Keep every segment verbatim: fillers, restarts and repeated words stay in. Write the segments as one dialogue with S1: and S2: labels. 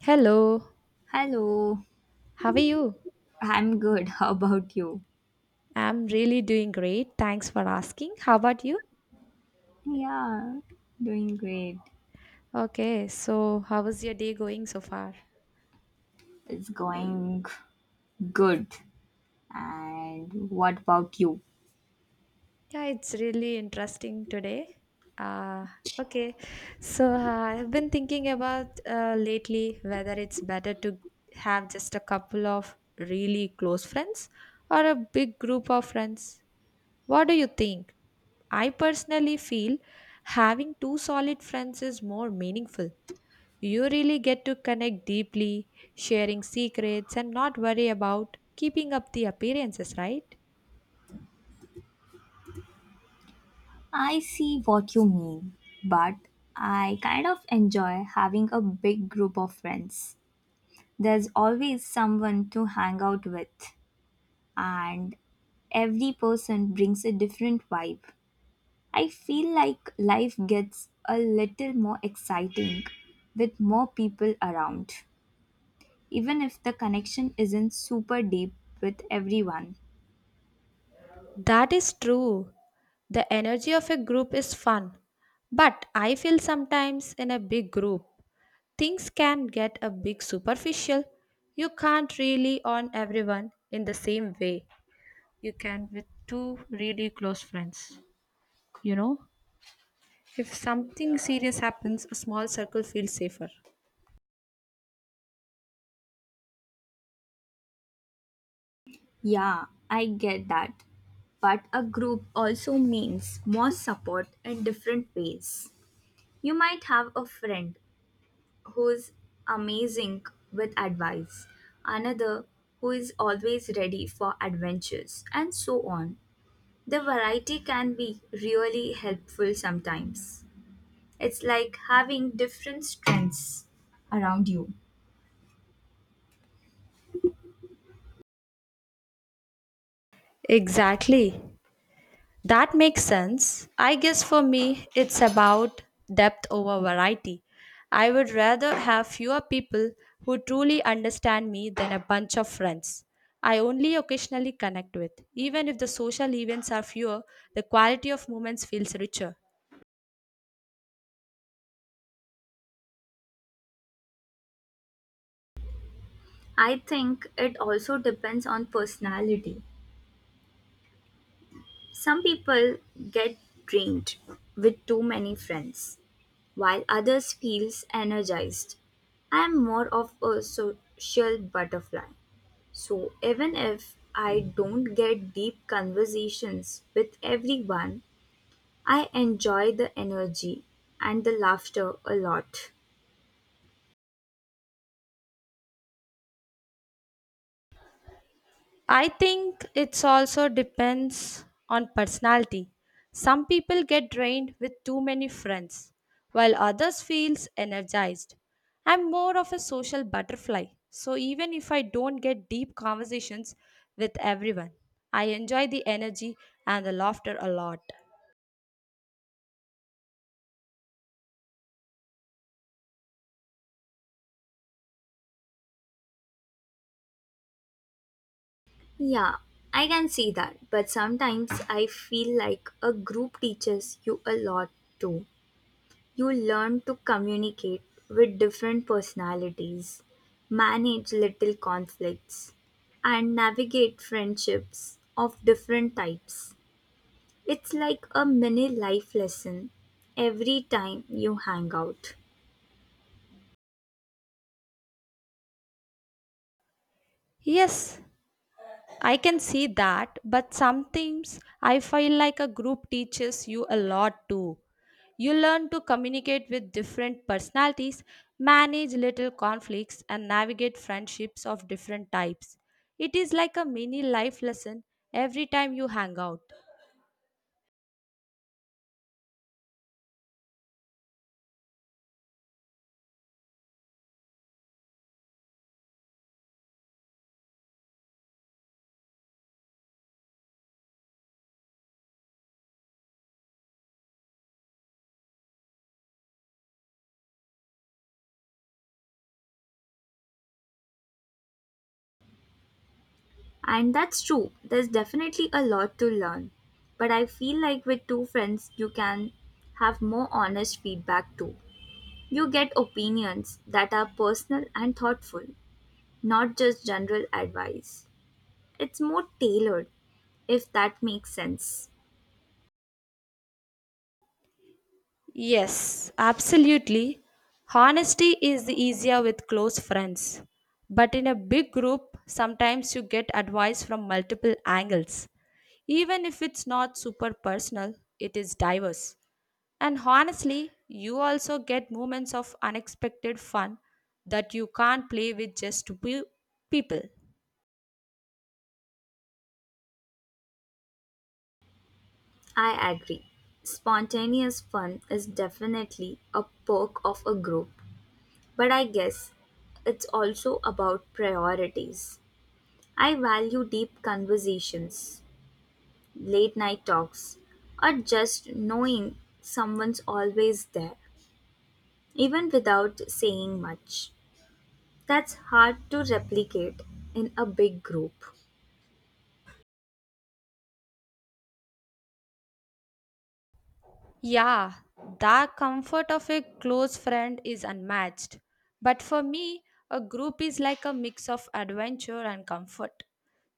S1: Hello,
S2: Hello,
S1: how are you?
S2: I'm good. How about you?
S1: I'm really doing great. Thanks for asking. How about you?
S2: Yeah, doing great.
S1: Okay, so how was your day going so far?
S2: It's going good. And what about you?
S1: Yeah, it's really interesting today. Uh, okay, so uh, I've been thinking about uh, lately whether it's better to have just a couple of really close friends or a big group of friends. What do you think? I personally feel having two solid friends is more meaningful. You really get to connect deeply, sharing secrets, and not worry about keeping up the appearances, right?
S2: I see what you mean, but I kind of enjoy having a big group of friends. There's always someone to hang out with, and every person brings a different vibe. I feel like life gets a little more exciting with more people around, even if the connection isn't super deep with everyone.
S1: That is true. The energy of a group is fun, but I feel sometimes in a big group, things can get a bit superficial. You can't really on everyone in the same way you can with two really close friends. You know, if something serious happens, a small circle feels safer.
S2: Yeah, I get that. But a group also means more support in different ways. You might have a friend who's amazing with advice, another who is always ready for adventures, and so on. The variety can be really helpful sometimes. It's like having different strengths around you.
S1: Exactly. That makes sense. I guess for me, it's about depth over variety. I would rather have fewer people who truly understand me than a bunch of friends I only occasionally connect with. Even if the social events are fewer, the quality of moments feels richer.
S2: I think it also depends on personality. Some people get drained with too many friends, while others feels energized. I am more of a social butterfly. So even if I don't get deep conversations with everyone, I enjoy the energy and the laughter a lot.
S1: I think it's also depends on personality. Some people get drained with too many friends, while others feels energized. I'm more of a social butterfly, so even if I don't get deep conversations with everyone, I enjoy the energy and the laughter a lot.
S2: Yeah, I can see that, but sometimes I feel like a group teaches you a lot too. You learn to communicate with different personalities, manage little conflicts, and navigate friendships of different types. It's like a mini life lesson every time you hang out.
S1: Yes, I can see that, but sometimes I feel like a group teaches you a lot too. You learn to communicate with different personalities, manage little conflicts, and navigate friendships of different types. It is like a mini life lesson every time you hang out.
S2: And that's true, there's definitely a lot to learn. But I feel like with two friends, you can have more honest feedback too. You get opinions that are personal and thoughtful, not just general advice. It's more tailored, if that makes sense.
S1: Yes, absolutely. Honesty is easier with close friends. But in a big group, sometimes you get advice from multiple angles. Even if it's not super personal, it is diverse. And honestly, you also get moments of unexpected fun that you can't play with just few people.
S2: I agree. Spontaneous fun is definitely a perk of a group, but I guess it's also about priorities. I value deep conversations, late night talks, or just knowing someone's always there, even without saying much. That's hard to replicate in a big group.
S1: Yeah, the comfort of a close friend is unmatched. But for me, a group is like a mix of adventure and comfort.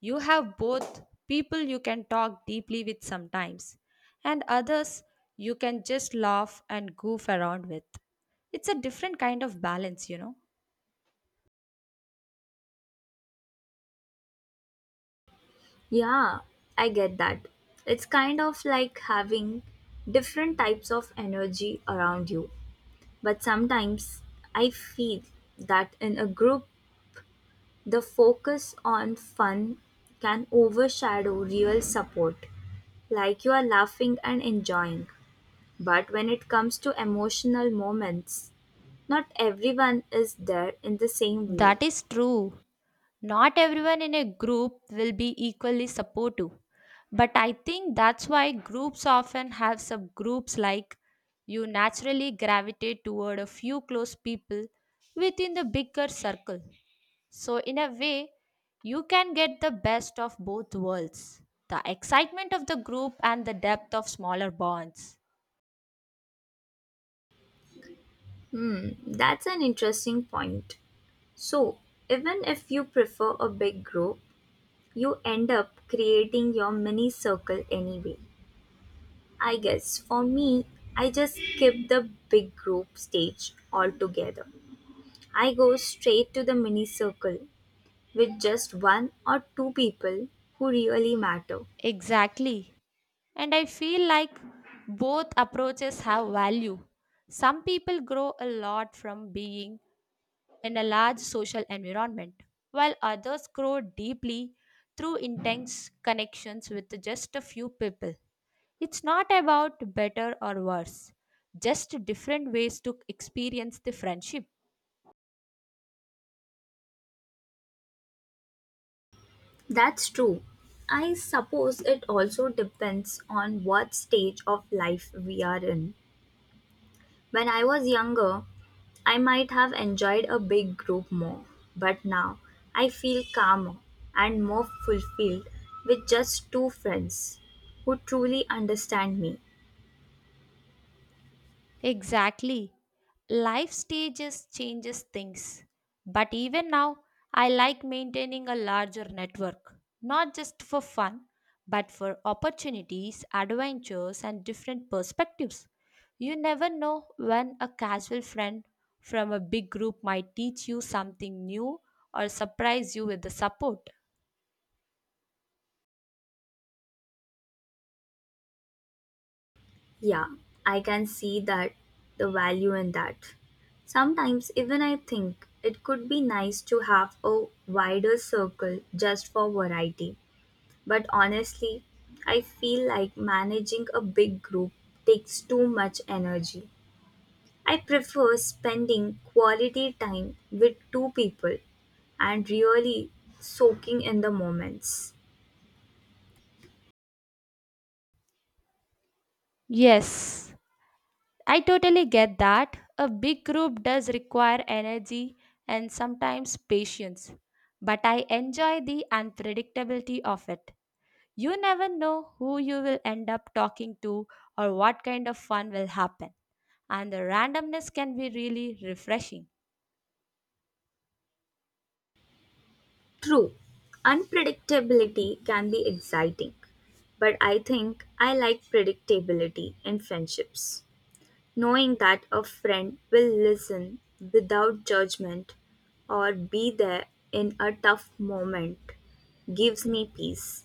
S1: You have both people you can talk deeply with sometimes, and others you can just laugh and goof around with. It's a different kind of balance, you know.
S2: Yeah, I get that. It's kind of like having different types of energy around you. But sometimes I feel that in a group, the focus on fun can overshadow real support, like you are laughing and enjoying. But when it comes to emotional moments, not everyone is there in the same way.
S1: That is true. Not everyone in a group will be equally supportive, but I think that's why groups often have subgroups, like you naturally gravitate toward a few close people within the bigger circle. So, in a way, you can get the best of both worlds, the excitement of the group and the depth of smaller bonds.
S2: Hmm, that's an interesting point. So, even if you prefer a big group, you end up creating your mini circle anyway. I guess for me, I just skip the big group stage altogether. I go straight to the mini circle with just one or two people who really matter.
S1: Exactly. And I feel like both approaches have value. Some people grow a lot from being in a large social environment, while others grow deeply through intense connections with just a few people. It's not about better or worse, just different ways to experience the friendship.
S2: That's true. I suppose it also depends on what stage of life we are in. When I was younger, I might have enjoyed a big group more, but now I feel calmer and more fulfilled with just two friends who truly understand me.
S1: Exactly. Life stages changes things. But even now, I like maintaining a larger network, not just for fun, but for opportunities, adventures, and different perspectives. You never know when a casual friend from a big group might teach you something new or surprise you with the support.
S2: Yeah, I can see that the value in that. Sometimes even I think it could be nice to have a wider circle just for variety. But honestly, I feel like managing a big group takes too much energy. I prefer spending quality time with two people and really soaking in the moments.
S1: Yes, I totally get that. A big group does require energy and sometimes patience, but I enjoy the unpredictability of it. You never know who you will end up talking to or what kind of fun will happen, and the randomness can be really refreshing.
S2: True, unpredictability can be exciting, but I think I like predictability in friendships. Knowing that a friend will listen without judgment or be there in a tough moment gives me peace.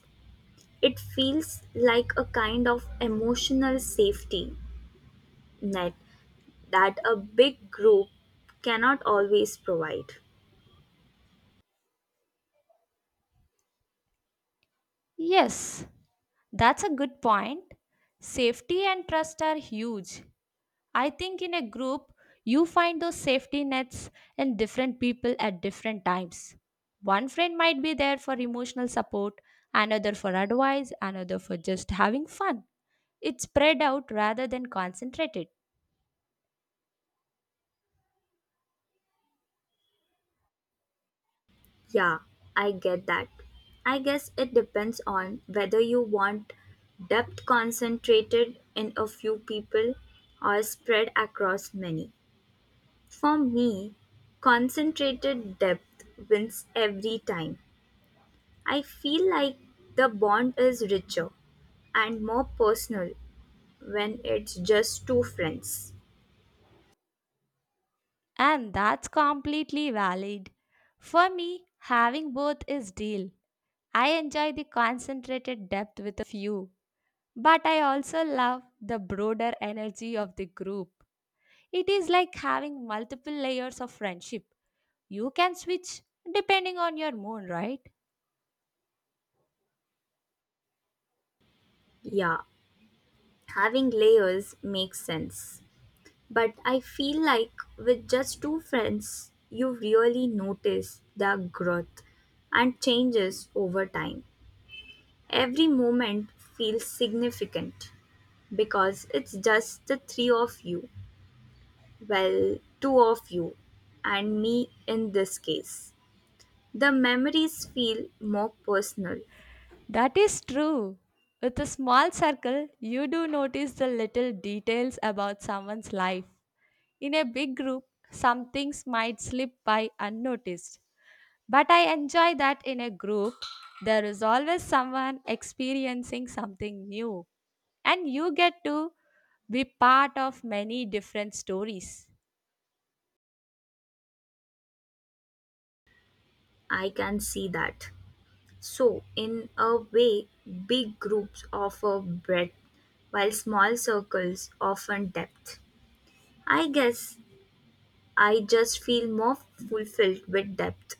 S2: It feels like a kind of emotional safety net that a big group cannot always provide.
S1: Yes, that's a good point. Safety and trust are huge. I think in a group, you find those safety nets in different people at different times. One friend might be there for emotional support, another for advice, another for just having fun. It's spread out rather than concentrated,
S2: Yeah, I get that. I guess it depends on whether you want depth concentrated in a few people or spread across many. For me, concentrated depth wins every time. I feel like the bond is richer and more personal when it's just two friends.
S1: and that's completely valid. For me, having both is deal. I enjoy the concentrated depth with a few, but I also love the broader energy of the group. It is like having multiple layers of friendship. You can switch depending on your mood, right?
S2: Yeah, having layers makes sense. But I feel like with just two friends, you really notice their growth and changes over time. Every moment feels significant because it's just the three of you, well, two of you, and me in this case. The memories feel more personal.
S1: That is true. With a small circle, you do notice the little details about someone's life. In a big group, some things might slip by unnoticed. But I enjoy that in a group, there is always someone experiencing something new, and you get to be part of many different stories.
S2: I can see that. So, in a way, big groups offer breadth while small circles offer depth. I guess I just feel more fulfilled with depth.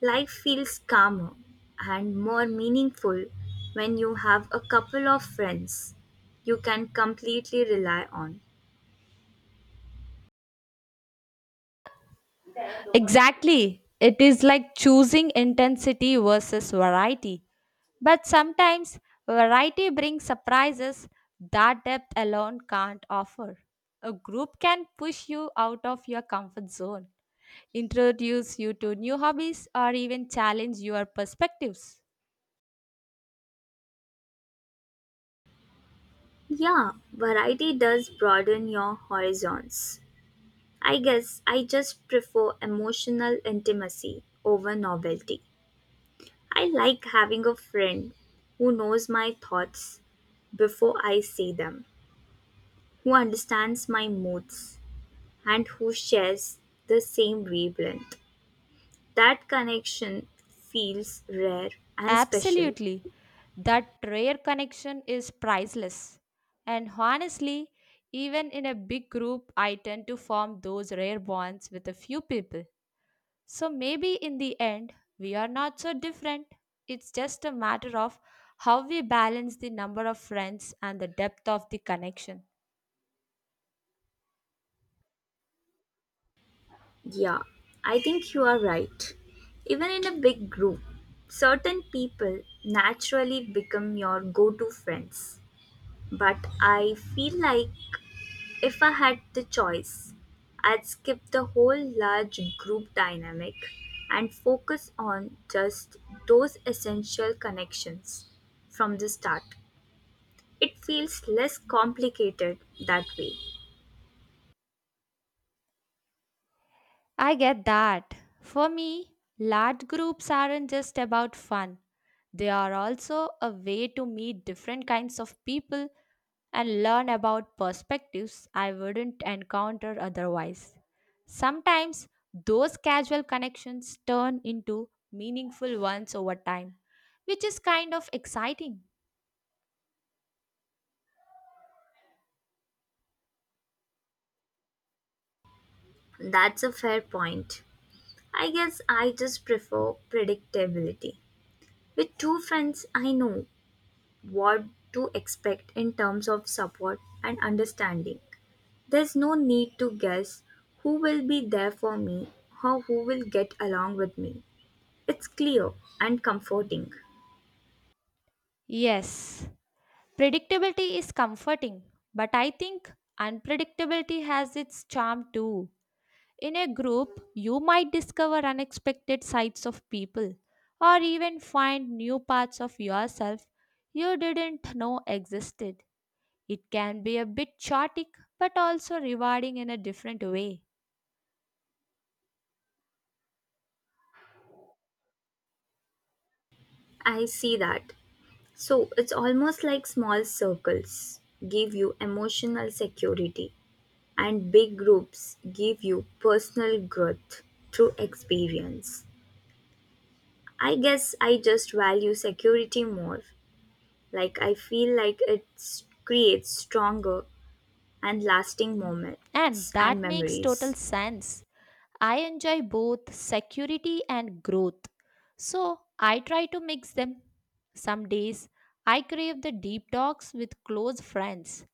S2: Life feels calmer and more meaningful when you have a couple of friends you can completely rely on.
S1: Exactly. It is like choosing intensity versus variety. But sometimes variety brings surprises that depth alone can't offer. A group can push you out of your comfort zone, introduce you to new hobbies, or even challenge your perspectives.
S2: Yeah, variety does broaden your horizons. I guess I just prefer emotional intimacy over novelty. I like having a friend who knows my thoughts before I say them, who understands my moods, and who shares the same wavelength. That connection feels rare and special.
S1: Absolutely. That rare connection is priceless. And honestly, even in a big group, I tend to form those rare bonds with a few people. So maybe in the end, we are not so different. It's just a matter of how we balance the number of friends and the depth of the connection.
S2: Yeah, I think you are right. Even in a big group, certain people naturally become your go to friends. But I feel like if I had the choice, I'd skip the whole large group dynamic and focus on just those essential connections from the start. It feels less complicated that way.
S1: I get that. For me, large groups aren't just about fun. They are also a way to meet different kinds of people and learn about perspectives I wouldn't encounter otherwise. Sometimes those casual connections turn into meaningful ones over time, which is kind of exciting.
S2: That's a fair point. I guess I just prefer predictability. With two friends, I know what to expect in terms of support and understanding. There's no need to guess who will be there for me or who will get along with me. It's clear and comforting.
S1: Yes, predictability is comforting, but I think unpredictability has its charm too. In a group, you might discover unexpected sides of people or even find new parts of yourself you didn't know existed. It can be a bit chaotic but also rewarding in a different way.
S2: I see that. So it's almost like small circles give you emotional security and big groups give you personal growth through experience. I guess I just value security more. Like I feel like it s- creates stronger and lasting
S1: And
S2: moments and
S1: that makes total
S2: memories.
S1: sense. I enjoy both security and growth. So I try to mix them. Some days I crave the deep talks with close friends.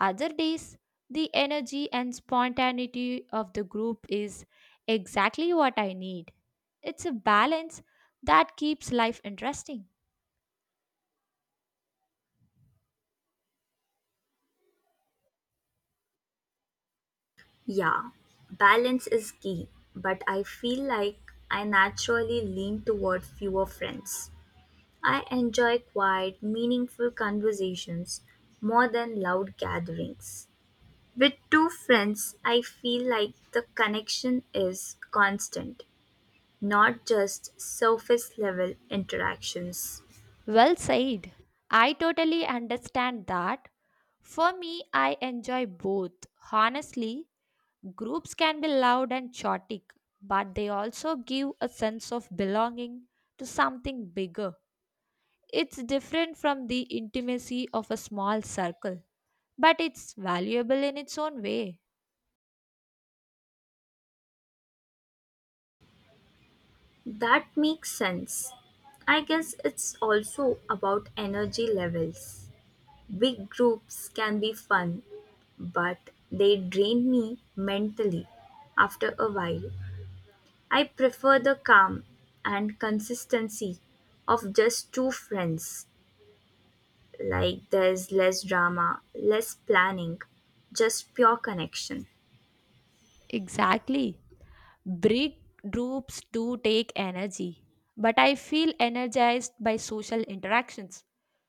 S1: Other days, the energy and spontaneity of the group is exactly what I need. It's a balance that keeps life interesting.
S2: Yeah, balance is key, but I feel like I naturally lean toward fewer friends. I enjoy quiet, meaningful conversations more than loud gatherings. With two friends, I feel like the connection is constant, not just surface level interactions.
S1: Well said. I totally understand that. For me, I enjoy both. Honestly, groups can be loud and chaotic, but they also give a sense of belonging to something bigger. It's different from the intimacy of a small circle, but it's valuable in its own way.
S2: That makes sense. I guess it's also about energy levels. Big groups can be fun, but they drain me mentally after a while. I prefer the calm and consistency of just two friends. Like there's less drama, less planning, just pure connection.
S1: Exactly. Breakthroughs do take energy, but I feel energized by social interactions.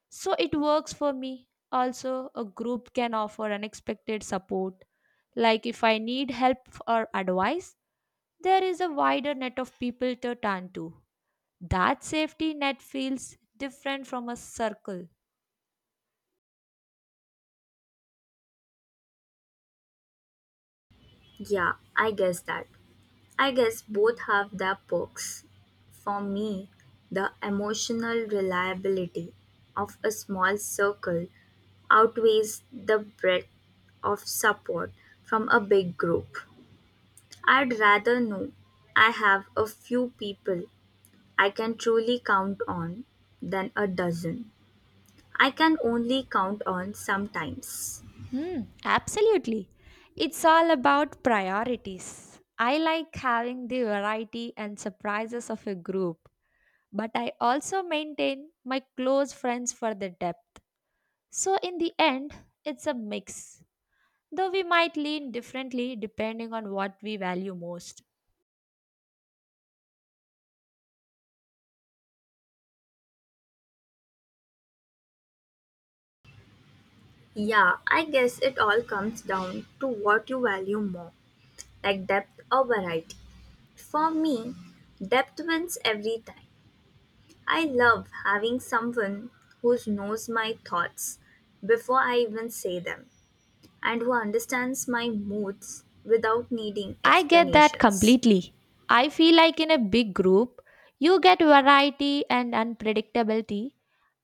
S1: So it works for me. Also, a group can offer unexpected support. Like if I need help or advice, there is a wider net of people to turn to. That safety net feels different from a circle.
S2: Yeah, I guess that. I guess both have their perks. For me, the emotional reliability of a small circle outweighs the breadth of support from a big group. I'd rather know I have a few people I can truly count on than a dozen. I can only count on sometimes.
S1: Hmm, absolutely. It's all about priorities. I like having the variety and surprises of a group, but I also maintain my close friends for the depth. So, in the end, it's a mix, though we might lean differently depending on what we value most.
S2: Yeah, I guess it all comes down to what you value more, like depth or variety. For me, depth wins every time. I love having someone who knows my thoughts before I even say them and who understands my moods without needing
S1: I get that
S2: explanations.
S1: completely. I feel like in a big group, you get variety and unpredictability,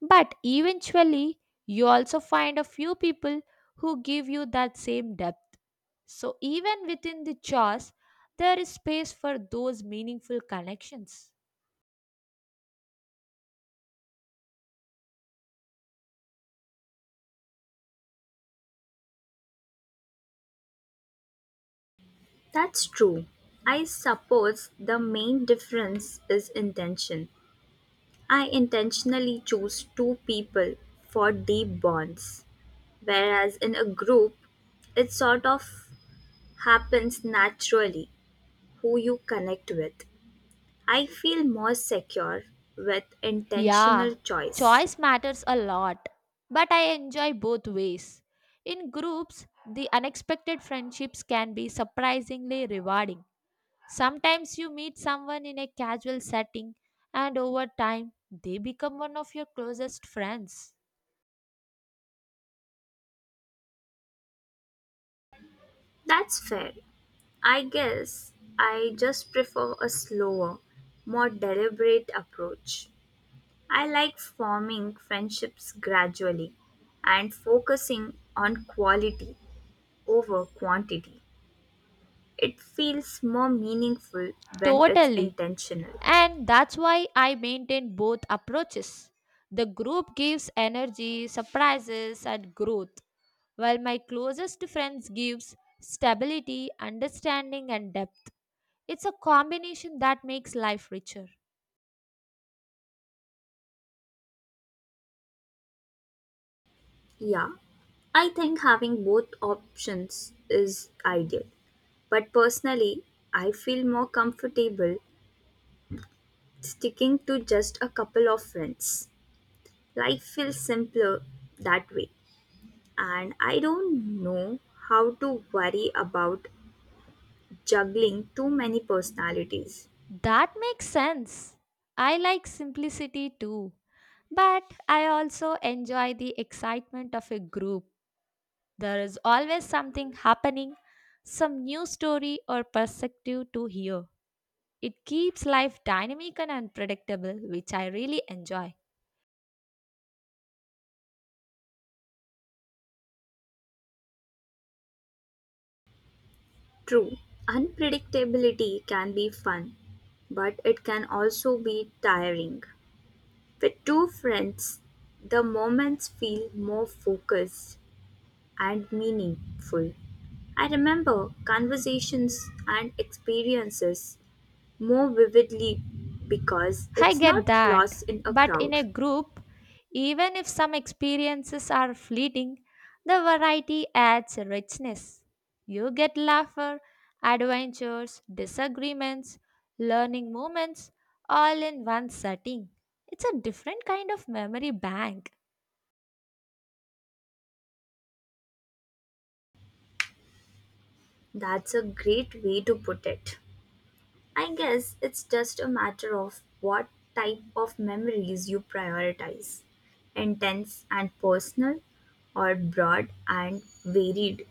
S1: but eventually, you also find a few people who give you that same depth. So, even within the chores, there is space for those meaningful connections.
S2: That's true. I suppose the main difference is intention. I intentionally choose two people for deep bonds. Whereas in a group, it sort of happens naturally who you connect with. I feel more secure with
S1: Yeah,
S2: intentional choice.
S1: choice matters a lot, but I enjoy both ways. In groups, the unexpected friendships can be surprisingly rewarding. Sometimes you meet someone in a casual setting, and over time, they become one of your closest friends.
S2: That's fair. I guess I just prefer a slower, more deliberate approach. I like forming friendships gradually and focusing on quality over quantity. It feels more meaningful when it's
S1: Totally.
S2: intentional.
S1: And that's why I maintain both approaches. The group gives energy, surprises, and growth, while my closest friends gives stability, understanding, and depth. It's a combination that makes life richer.
S2: Yeah, I think having both options is ideal. But personally, I feel more comfortable sticking to just a couple of friends. Life feels simpler that way. And I don't know how to worry about juggling too many personalities.
S1: That makes sense. I like simplicity too. But I also enjoy the excitement of a group. There is always something happening, some new story or perspective to hear. It keeps life dynamic and unpredictable, which I really enjoy.
S2: True, unpredictability can be fun, but it can also be tiring. With two friends, the moments feel more focused and meaningful. I remember conversations and experiences more vividly because
S1: I
S2: it's
S1: get
S2: not
S1: that.
S2: lost in a
S1: But in
S2: crowd.
S1: a group, even if some experiences are fleeting, the variety adds richness. You get laughter, adventures, disagreements, learning moments all in one setting. It's a different kind of memory bank.
S2: That's a great way to put it. I guess it's just a matter of what type of memories you prioritize, intense and personal, or broad and varied.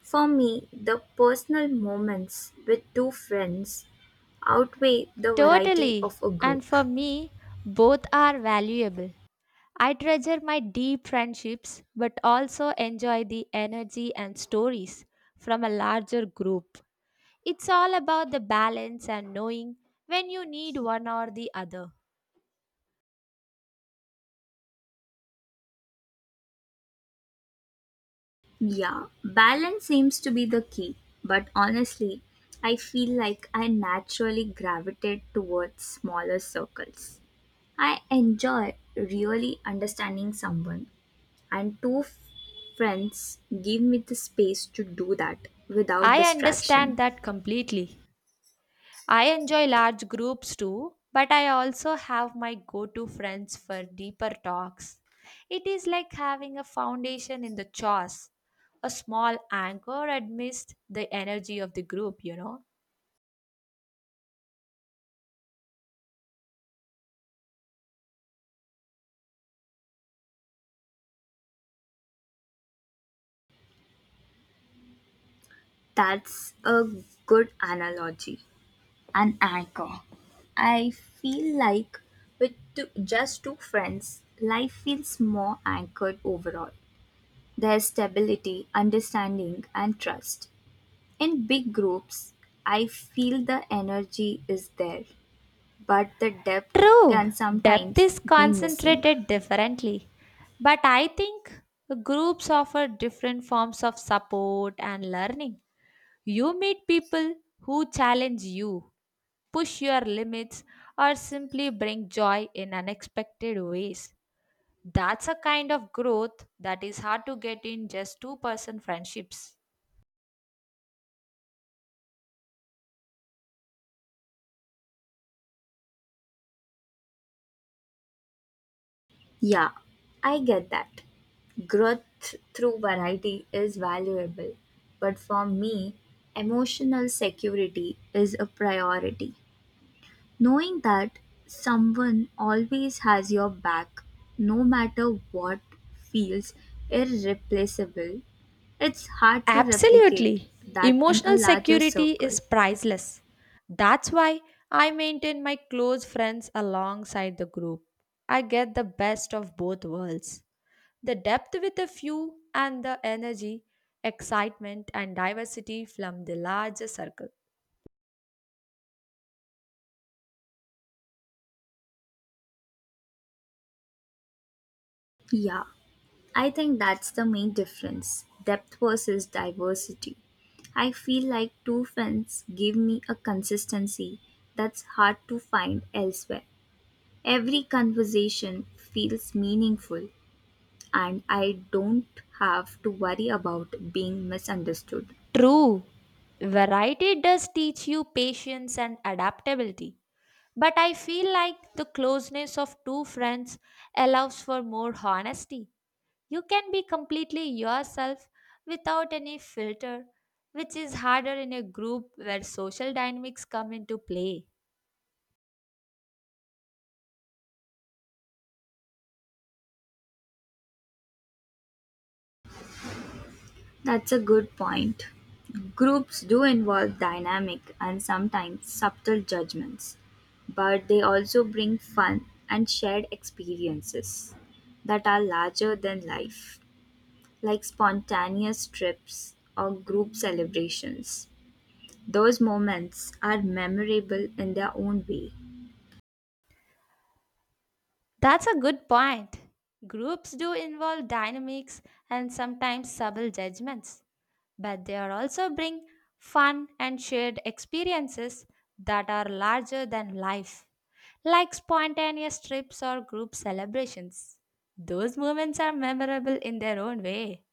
S2: For me, the personal moments with two friends outweigh the variety
S1: Totally.
S2: of a
S1: And
S2: group.
S1: for me, both are valuable. I treasure my deep friendships but also enjoy the energy and stories from a larger group. It's all about the balance and knowing when you need one or the other.
S2: Yeah, balance seems to be the key. But honestly, I feel like I naturally gravitate towards smaller circles. I enjoy really understanding someone, and two f- friends give me the space to do that without
S1: I
S2: distraction.
S1: understand that completely. I enjoy large groups too, but I also have my go to friends for deeper talks. It is like having a foundation in the chores, a small anchor amidst the energy of the group, you know.
S2: That's a good analogy. An anchor. I feel like with two, just two friends, life feels more anchored overall. There's stability, understanding, and trust. In big groups, I feel the energy is there, but the depth
S1: True,
S2: can
S1: depth
S2: sometimes
S1: is
S2: be missing.
S1: concentrated differently, but I think groups offer different forms of support and learning. You meet people who challenge you, push your limits, or simply bring joy in unexpected ways. That's a kind of growth that is hard to get in just two person friendships.
S2: Yeah, I get that. Growth through variety is valuable, but for me, emotional security is a priority. Knowing that someone always has your back, no matter what, feels irreplaceable. It's hard to replicate
S1: Absolutely.
S2: that in a
S1: Emotional
S2: larger
S1: security
S2: circle.
S1: is priceless. That's why I maintain my close friends alongside the group. I get the best of both worlds. The depth with a few and the energy, excitement, and diversity from the larger circle.
S2: Yeah, I think that's the main difference, depth versus diversity. I feel like two friends give me a consistency that's hard to find elsewhere. Every conversation feels meaningful, and I don't have to worry about being misunderstood.
S1: True, variety does teach you patience and adaptability. But I feel like the closeness of two friends allows for more honesty. You can be completely yourself without any filter, which is harder in a group where social dynamics come into play.
S2: That's a good point. Groups do involve dynamic and sometimes subtle judgments, but they also bring fun and shared experiences that are larger than life, like spontaneous trips or group celebrations. Those moments are memorable in their own way.
S1: That's a good point. Groups do involve dynamics and sometimes subtle judgments, but they are also bring fun and shared experiences that are larger than life, like spontaneous trips or group celebrations. Those moments are memorable in their own way.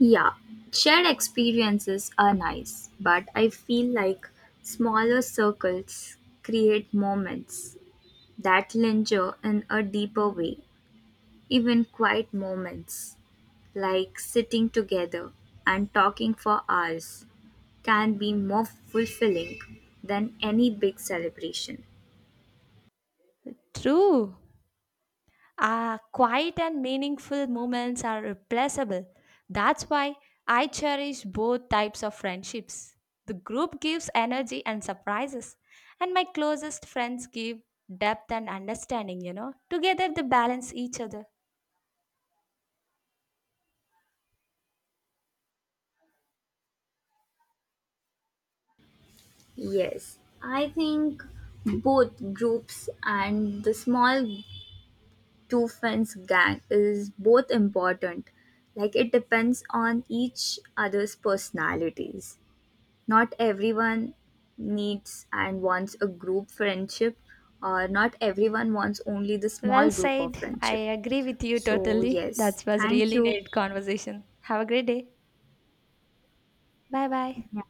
S2: Yeah, shared experiences are nice, but I feel like smaller circles create moments that linger in a deeper way. Even quiet moments, like sitting together and talking for hours, can be more fulfilling than any big celebration.
S1: True. Ah, quiet and meaningful moments are replaceable. That's why I cherish both types of friendships. The group gives energy and surprises, and my closest friends give depth and understanding, you know. Together they balance each other.
S2: Yes, I think both groups and the small two fence gang is both important. Like it depends on each other's personalities. Not everyone needs and wants a group friendship, or not everyone wants only the
S1: Well
S2: small group of
S1: said. I
S2: friendship.
S1: agree with you
S2: So,
S1: totally.
S2: yes,
S1: That was
S2: thank
S1: really
S2: you.
S1: neat conversation. Have a great day. Bye bye.
S2: Yeah,